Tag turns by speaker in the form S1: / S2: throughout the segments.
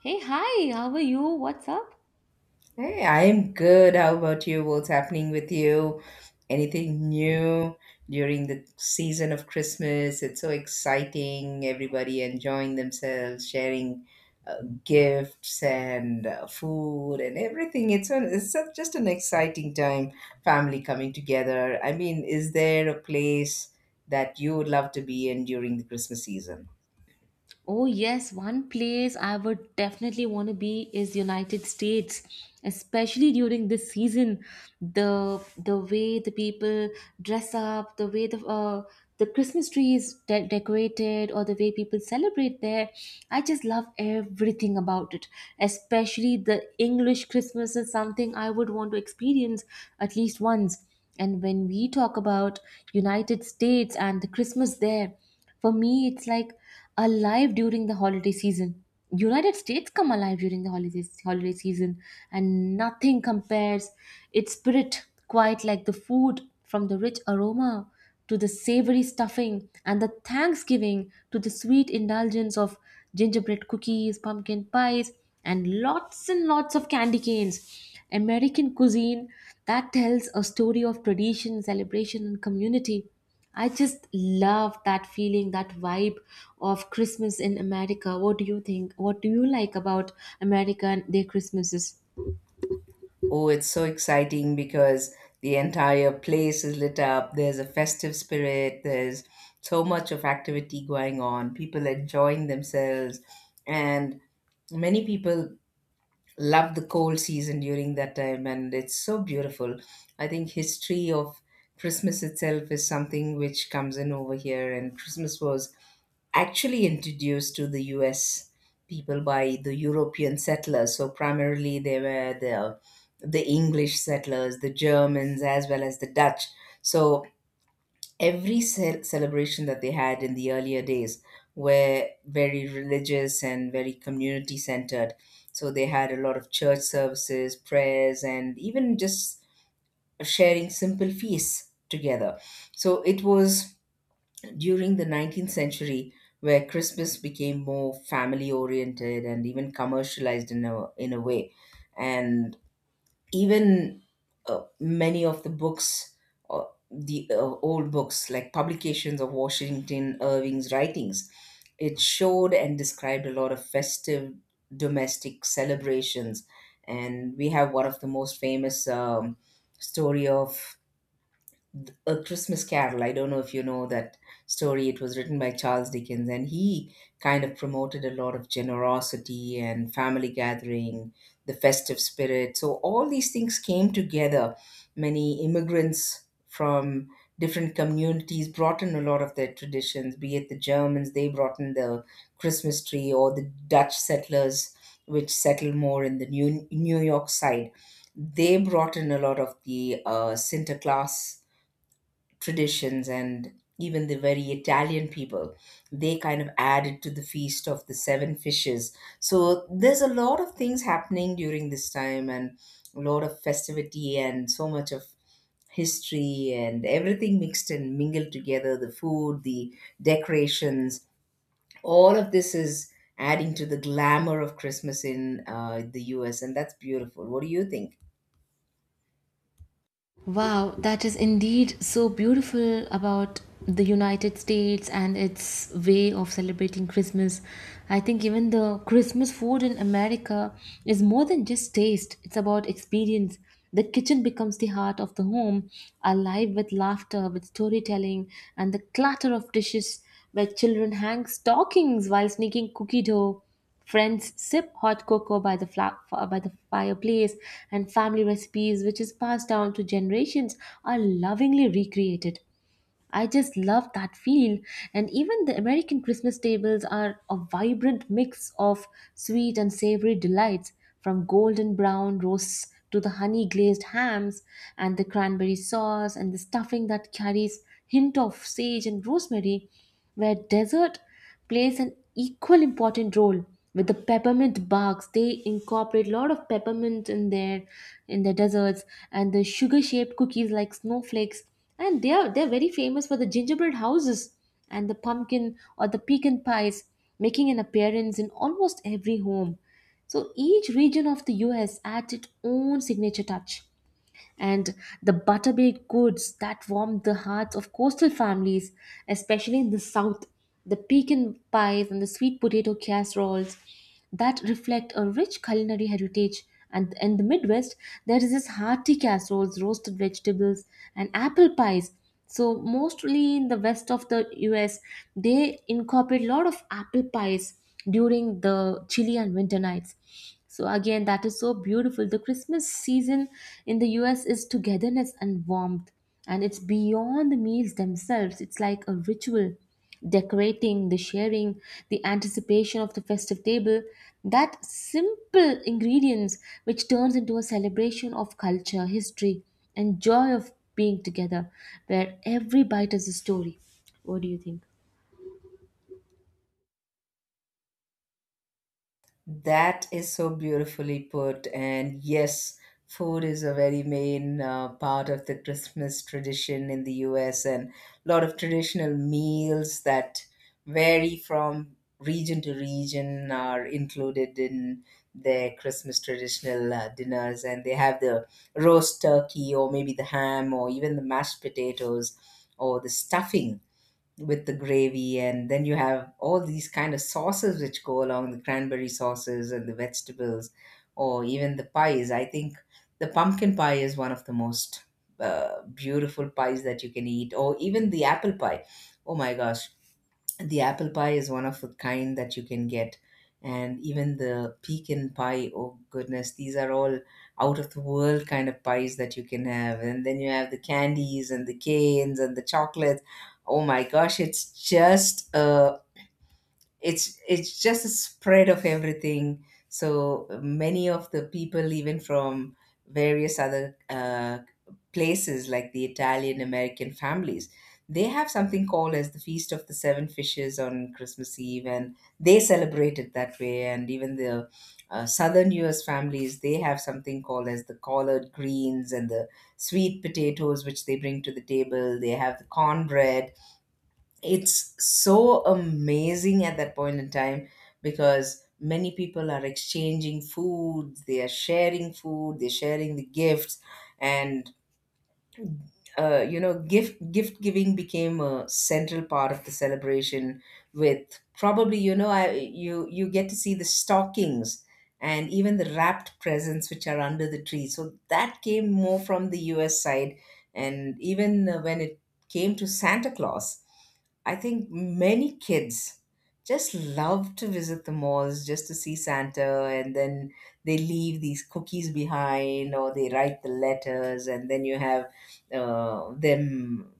S1: Hey, hi, how are you? What's up?
S2: Hey, I'm good. How about you? What's happening with you? Anything new during the season of Christmas? It's so exciting. Everybody enjoying themselves, sharing uh, gifts and food and everything. It's an, it's a, Just an exciting time. Family coming together. I mean, is there a place that you would love to be in during the Christmas season?
S1: Oh yes, one place I would definitely want to be is United States, especially during this season. The way the people dress up, the way the Christmas tree is decorated, or the way people celebrate there, I just love everything about it. Especially the English Christmas is something I would want to experience at least once. And when we talk about United States and the Christmas there. For me, it's like alive during the holiday season. United States come alive during the holiday season, and nothing compares. Its spirit, quite like the food, from the rich aroma to the savory stuffing, and the Thanksgiving to the sweet indulgence of gingerbread cookies, pumpkin pies, and lots of candy canes. American cuisine that tells a story of tradition, celebration, and community. I just love that feeling, that vibe of Christmas in America. What do you think? What do you like about America and their Christmases?
S2: Oh, it's so exciting because the entire place is lit up. There's a festive spirit. There's so much of activity going on. People enjoying themselves. And many people love the cold season during that time. And it's so beautiful. I think history of Christmas itself is something which comes in over here. And Christmas was actually introduced to the US people by the European settlers. So primarily they were the English settlers, the Germans as well as the Dutch. So every celebration that they had in the earlier days were very religious and very community centered. So they had a lot of church services, prayers and even just sharing simple feasts together. So it was during the 19th century, where Christmas became more family oriented and even commercialized in a way. And even many of the books, uh, the old books, like publications of Washington Irving's writings, it showed and described a lot of festive domestic celebrations. And we have one of the most famous story of a Christmas Carol. I don't know if you know that story. It was written by Charles Dickens, and he kind of promoted a lot of generosity and family gathering, the festive spirit. So, all these things came together. Many immigrants from different communities brought in a lot of their traditions, be it the Germans, they brought in the Christmas tree, or the Dutch settlers, which settled more in the New York side. They brought in a lot of the Sinterklaas traditions and even the very Italian people, they kind of added to the feast of the seven fishes. So there's a lot of things happening during this time and a lot of festivity and so much of history and everything mixed and mingled together, the food, the decorations, all of this is adding to the glamour of Christmas in the US. And that's beautiful. What do you think?
S1: Wow, that is indeed so beautiful about the United States and its way of celebrating Christmas. I think even the Christmas food in America is more than just taste, it's about experience. The kitchen becomes the heart of the home, alive with laughter, with storytelling, and the clatter of dishes where children hang stockings while sneaking cookie dough. Friends sip hot cocoa by the fireplace, and family recipes, which is passed down to generations, are lovingly recreated. I just love that feel. And even the American Christmas tables are a vibrant mix of sweet and savory delights, from golden brown roasts to the honey glazed hams and the cranberry sauce and the stuffing that carries hint of sage and rosemary, where dessert plays an equal important role with the peppermint barks, they incorporate a lot of peppermint in their in the desserts and the sugar shaped cookies like snowflakes, and they're very famous for the gingerbread houses and the pumpkin or the pecan pies making an appearance in almost every home. So each region of the US adds its own signature touch, and the butterbaked goods that warmed the hearts of coastal families, especially in the south. The pecan pies and the sweet potato casseroles that reflect a rich culinary heritage. And in the Midwest, there is this hearty casseroles, roasted vegetables, and apple pies, so mostly in the west of the US, they incorporate a lot of apple pies during the chilly and winter nights. So again, that is so beautiful. The Christmas season in the US is togetherness and warmth, and it's beyond the meals themselves. It's like a ritual decorating, the sharing, the anticipation of the festive table, that simple ingredients which turns into a celebration of culture, history, and joy of being together, where every bite is a story. What do you think?
S2: That is so beautifully put. And yes, food is a very main part of the Christmas tradition in the US, and a lot of traditional meals that vary from region to region are included in their Christmas traditional dinners. And they have the roast turkey, or maybe the ham, or even the mashed potatoes, or the stuffing with the gravy, and then you have all these kind of sauces which go along, the cranberry sauces and the vegetables, or even the pies. I think the pumpkin pie is one of the most beautiful pies that you can eat, or even the apple pie. Oh my gosh, the apple pie is one of a kind that you can get. And even the pecan pie, oh goodness, these are all out of the world kind of pies that you can have. And then you have the candies and the canes and the chocolates. Oh my gosh, it's just it's just a spread of everything. So many of the people, even from various other places like the Italian American families, they have something called as the Feast of the Seven Fishes on Christmas Eve, and they celebrate it that way. And even the Southern U.S. families, they have something called as the collard greens and the sweet potatoes, which they bring to the table. They have the cornbread. It's so amazing at that point in time because many people are exchanging food, they are sharing food, they're sharing the gifts. And you know, gift giving became a central part of the celebration. With probably you know, you get to see the stockings and even the wrapped presents which are under the tree, so that came more from the US side. And even when it came to Santa Claus, I think many kids just love to visit the malls just to see Santa, and then they leave these cookies behind or they write the letters, and then you have them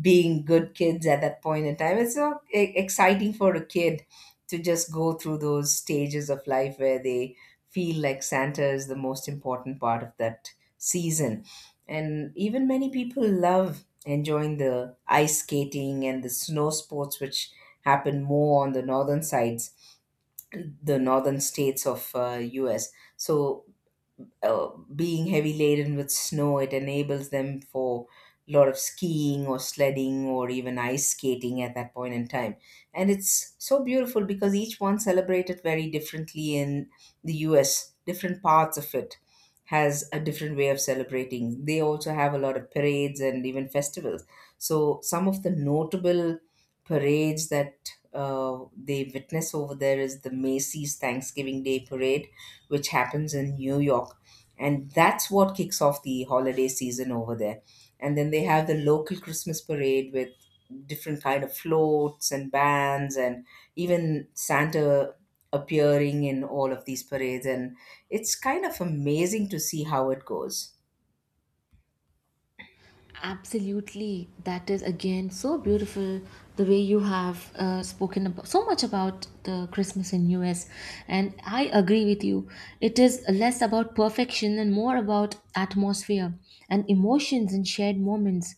S2: being good kids at that point in time. It's so exciting for a kid to just go through those stages of life where they feel like Santa is the most important part of that season. And even many people love enjoying the ice skating and the snow sports, which happen more on the northern sides, the northern states of US. So uh, being heavy laden with snow, it enables them for a lot of skiing or sledding or even ice skating at that point in time. And it's so beautiful because each one celebrated very differently in the US. Different parts of it has a different way of celebrating. They also have a lot of parades and even festivals. So some of the notable parades that they witness over there is the Macy's Thanksgiving Day Parade, which happens in New York, and that's what kicks off the holiday season over there. And then they have the local Christmas parade with different kind of floats and bands and even Santa appearing in all of these parades, and it's kind of amazing to see how it goes.
S1: Absolutely. That is again so beautiful the way you have spoken about so much about the Christmas in US, and I agree with you. It is less about perfection and more about atmosphere and emotions and shared moments.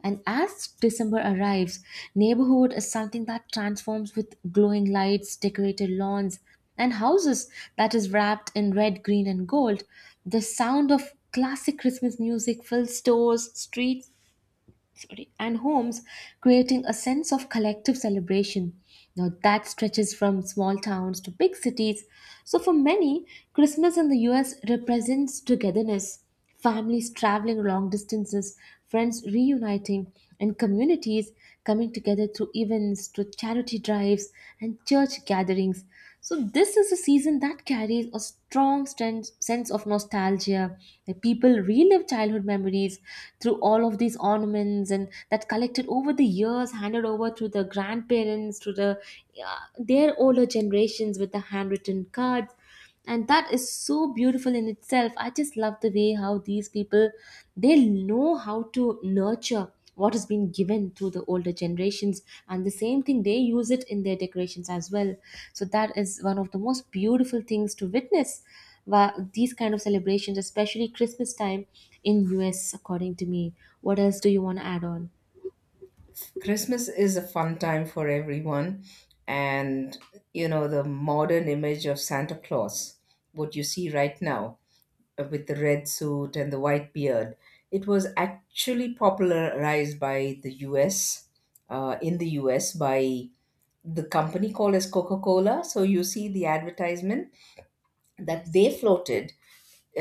S1: And as December arrives, neighborhood is something that transforms with glowing lights, decorated lawns, and houses that is wrapped in red, green, and gold. The sound of classic Christmas music fills stores, streets, sorry, and homes, creating a sense of collective celebration. Now, that stretches from small towns to big cities. So, for many, Christmas in the US represents togetherness, families traveling long distances, friends reuniting, and communities coming together through events, through charity drives, and church gatherings. So, this is a season that carries a strong sense of nostalgia. Like people relive childhood memories through all of these ornaments and that collected over the years, handed over to the grandparents, to the their older generations with the handwritten cards, and that is so beautiful in itself. I just love the way how these people, they know how to nurture what has been given through the older generations, and the same thing they use it in their decorations as well. So that is one of the most beautiful things to witness. These kind of celebrations, especially Christmas time in US, according to me, what else do you want to add on?
S2: Christmas is a fun time for everyone. And you know, the modern image of Santa Claus, what you see right now, with the red suit and the white beard. It was actually popularized by the US, by the company called as Coca Cola. So you see the advertisement that
S1: Yes.
S2: they floated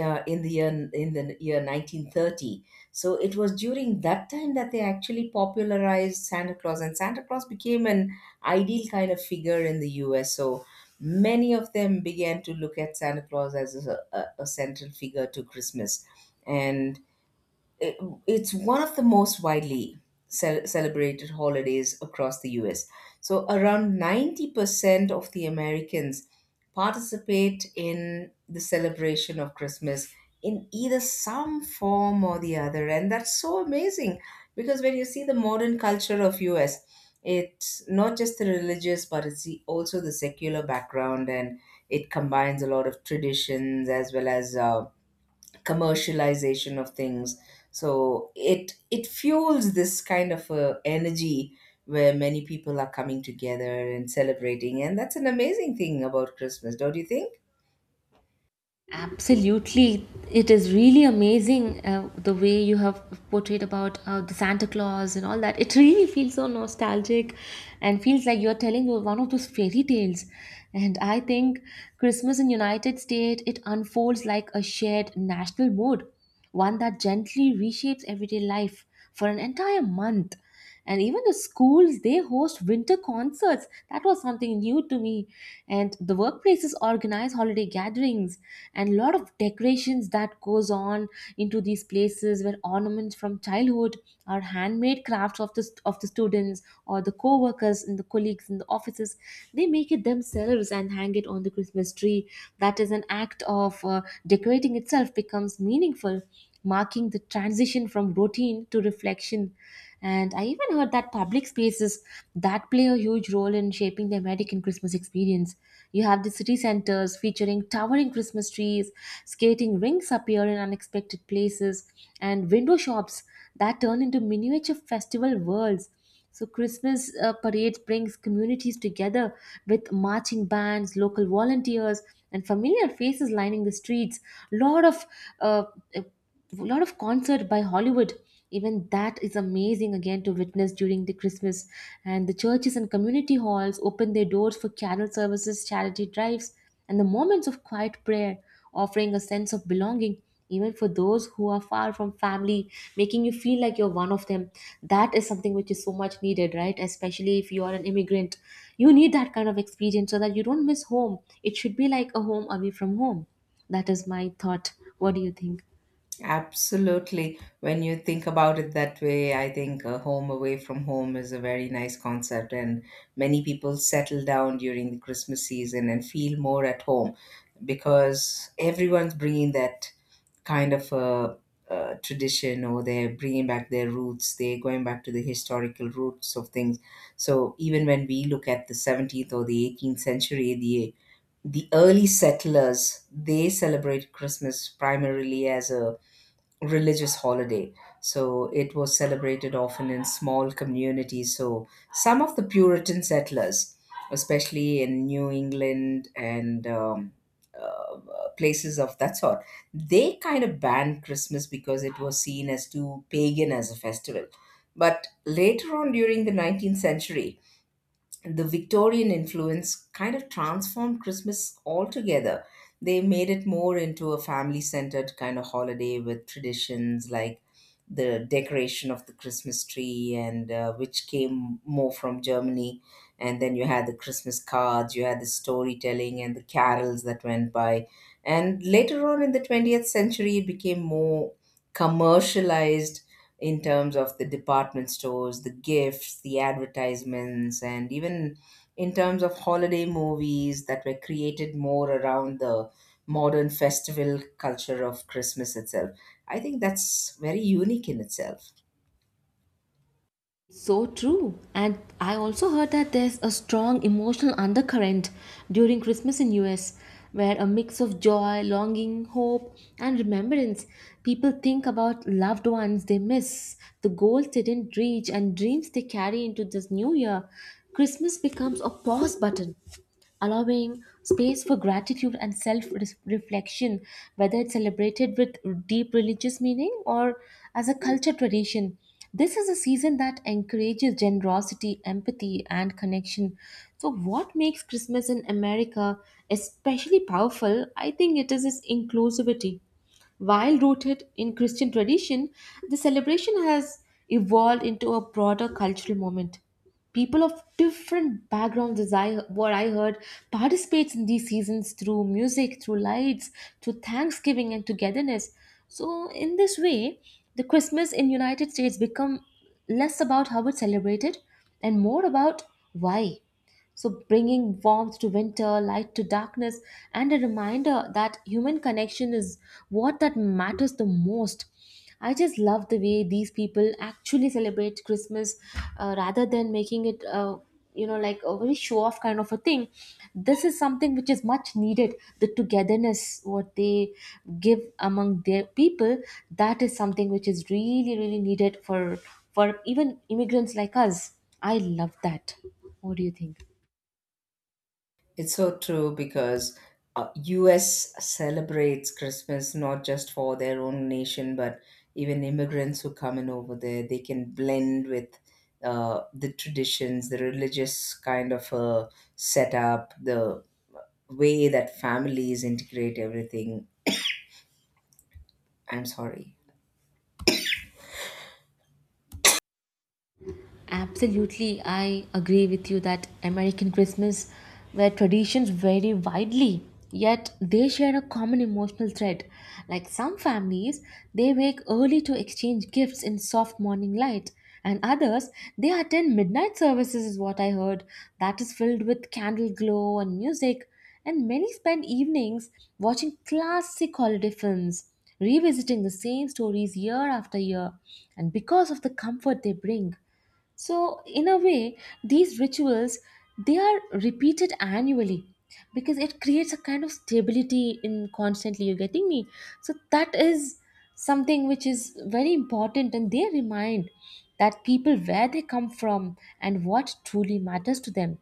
S2: in the year 1930. So it was during that time that they actually popularized Santa Claus, and Santa Claus became an ideal kind of figure in the US. So many of them began to look at Santa Claus as a central figure to Christmas. And it, it's one of the most widely celebrated holidays across the US. So around 90% of the Americans participate in the celebration of Christmas in either some form or the other. And that's so amazing because when you see the modern culture of US, it's not just the religious, but it's also the secular background, and it combines a lot of traditions as well as commercialization of things. So it fuels this kind of a energy where many people are coming together and celebrating, and that's an amazing thing about Christmas, don't you think?
S1: Absolutely. It is really amazing, the way you have portrayed about the Santa Claus and all that. It really feels so nostalgic and feels like you're telling one of those fairy tales. And I think Christmas in United States, it unfolds like a shared national mood, one that gently reshapes everyday life for an entire month. And even the schools, they host winter concerts, that was something new to me, and the workplaces organize holiday gatherings and a lot of decorations that goes on into these places where ornaments from childhood or handmade crafts of the students or the co-workers and the colleagues in the offices, they make it themselves and hang it on the Christmas tree. That is an act of decorating itself becomes meaningful, marking the transition from routine to reflection. And I even heard that public spaces that play a huge role in shaping the American Christmas experience. You have the city centers featuring towering Christmas trees, skating rinks appear in unexpected places, and window shops that turn into miniature festival worlds. So Christmas parades brings communities together with marching bands, local volunteers, and familiar faces lining the streets. Lot of uh, a lot of concert by Hollywood. Even that is amazing again to witness during the Christmas. And the churches and community halls open their doors for carol services, charity drives, and the moments of quiet prayer, offering a sense of belonging even for those who are far from family, making you feel like you're one of them. That is something which is so much needed, right? Especially if you are an immigrant. You need that kind of experience so that you don't miss home. It should be like a home away from home. That is my thought. What do you think?
S2: Absolutely. When you think about it that way, I think a home away from home is a very nice concept, and many people settle down during the Christmas season and feel more at home because everyone's bringing that kind of a tradition, or they're bringing back their roots, they're going back to the historical roots of things. So even when we look at the 17th or the 18th century, the early settlers they celebrate Christmas primarily as a religious holiday. So it was celebrated often in small communities. So some of the Puritan settlers, especially in New England and uh, places of that sort, they kind of banned Christmas because it was seen as too pagan as a festival. But later on during the 19th century, the Victorian influence kind of transformed Christmas altogether. They made it more into a family centered kind of holiday with traditions like the decoration of the Christmas tree, and which came more from Germany. And then you had the Christmas cards, you had the storytelling, and the carols that went by. And later on in the 20th century, it became more commercialized in terms of the department stores, the gifts, the advertisements, and even in terms of holiday movies that were created more around the modern festival culture of Christmas itself. I think that's very unique in itself.
S1: So true. And I also heard that there's a strong emotional undercurrent during Christmas in US, where a mix of joy, longing, hope and remembrance. People think about loved ones they miss, the goals they didn't reach and dreams they carry into this new year. Christmas becomes a pause button allowing space for gratitude and self reflection, whether it's celebrated with deep religious meaning or as a culture tradition. This is a season that encourages generosity, empathy, and connection. So, what makes Christmas in America especially powerful, I think it is its inclusivity. While rooted in Christian tradition, the celebration has evolved into a broader cultural moment. People of different backgrounds, as I, what I heard, participates in these seasons through music, through lights, through Thanksgiving and togetherness. So, in this way, the Christmas in United States become less about how it's celebrated and more about why. So, bringing warmth to winter, light to darkness, and a reminder that human connection is what that matters the most. I just love the way these people actually celebrate Christmas, rather than making it, you know, like a very show off kind of a thing. This is something which is much needed. The togetherness, what they give among their people, that is something which is really, really needed for even immigrants like us. I love that. What do you think?
S2: It's so true because US celebrates Christmas not just for their own nation, but even immigrants who come in over there, they can blend with the traditions, the religious kind of setup, the way that families integrate everything. I'm sorry.
S1: Absolutely, I agree with you that American Christmas, where traditions vary widely, yet they share a common emotional thread. Like some families, they wake early to exchange gifts in soft morning light, and others, they attend midnight services, is what I heard, that is filled with candle glow and music. And many spend evenings watching classic holiday films, revisiting the same stories year after year, and because of the comfort they bring. So, in a way, these rituals they are repeated annually because it creates a kind of stability in constantly you're getting me. So that is something which is very important, and they remind that people where they come from and what truly matters to them.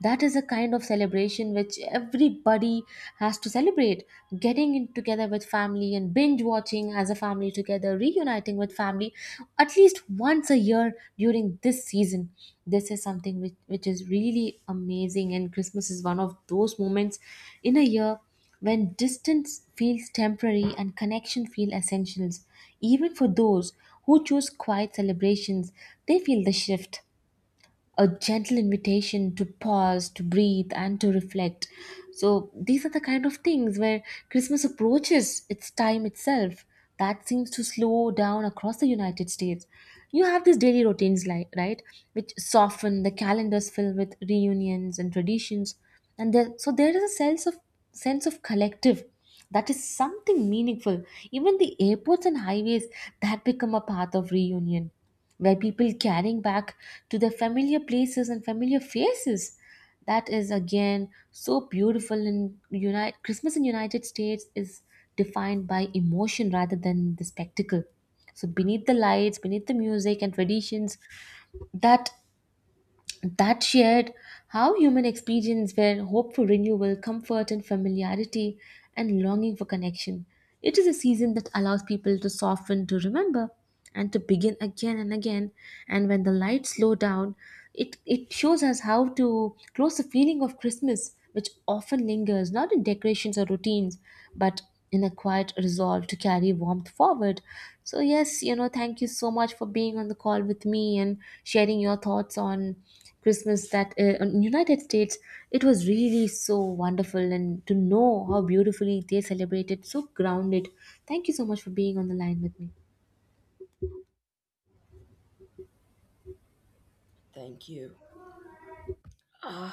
S1: That is a kind of celebration which everybody has to celebrate, getting in together with family and binge watching as a family together, reuniting with family at least once a year during this season. This is something which is really amazing, and Christmas is one of those moments in a year when distance feels temporary and connection feel essentials. Even for those who choose quiet celebrations, they feel the shift, a gentle invitation to pause, to breathe, and to reflect. So these are the kind of things where Christmas approaches its time itself. That seems to slow down across the United States. You have these daily routines, like right, which soften. The calendars fill with reunions and traditions, and there, so there is a sense of collective. That is something meaningful. Even the airports and highways that become a path of reunion where people carrying back to their familiar places and familiar faces, that is again so beautiful. In united Christmas in united states is defined by emotion rather than the spectacle. So beneath the lights, beneath the music and traditions, that that shared how human experience were hope for renewal, comfort and familiarity, and longing for connection. It is a season that allows people to soften, to remember, and to begin again and again. And when the lights slow down, it shows us how to close the feeling of Christmas, which often lingers not in decorations or routines, but in a quiet resolve to carry warmth forward. So, yes, you know, thank you so much for being on the call with me and sharing your thoughts on Christmas that in United States. It was really so wonderful and to know how beautifully they celebrated, so grounded. Thank you so much for being on the line with me.
S2: Thank you.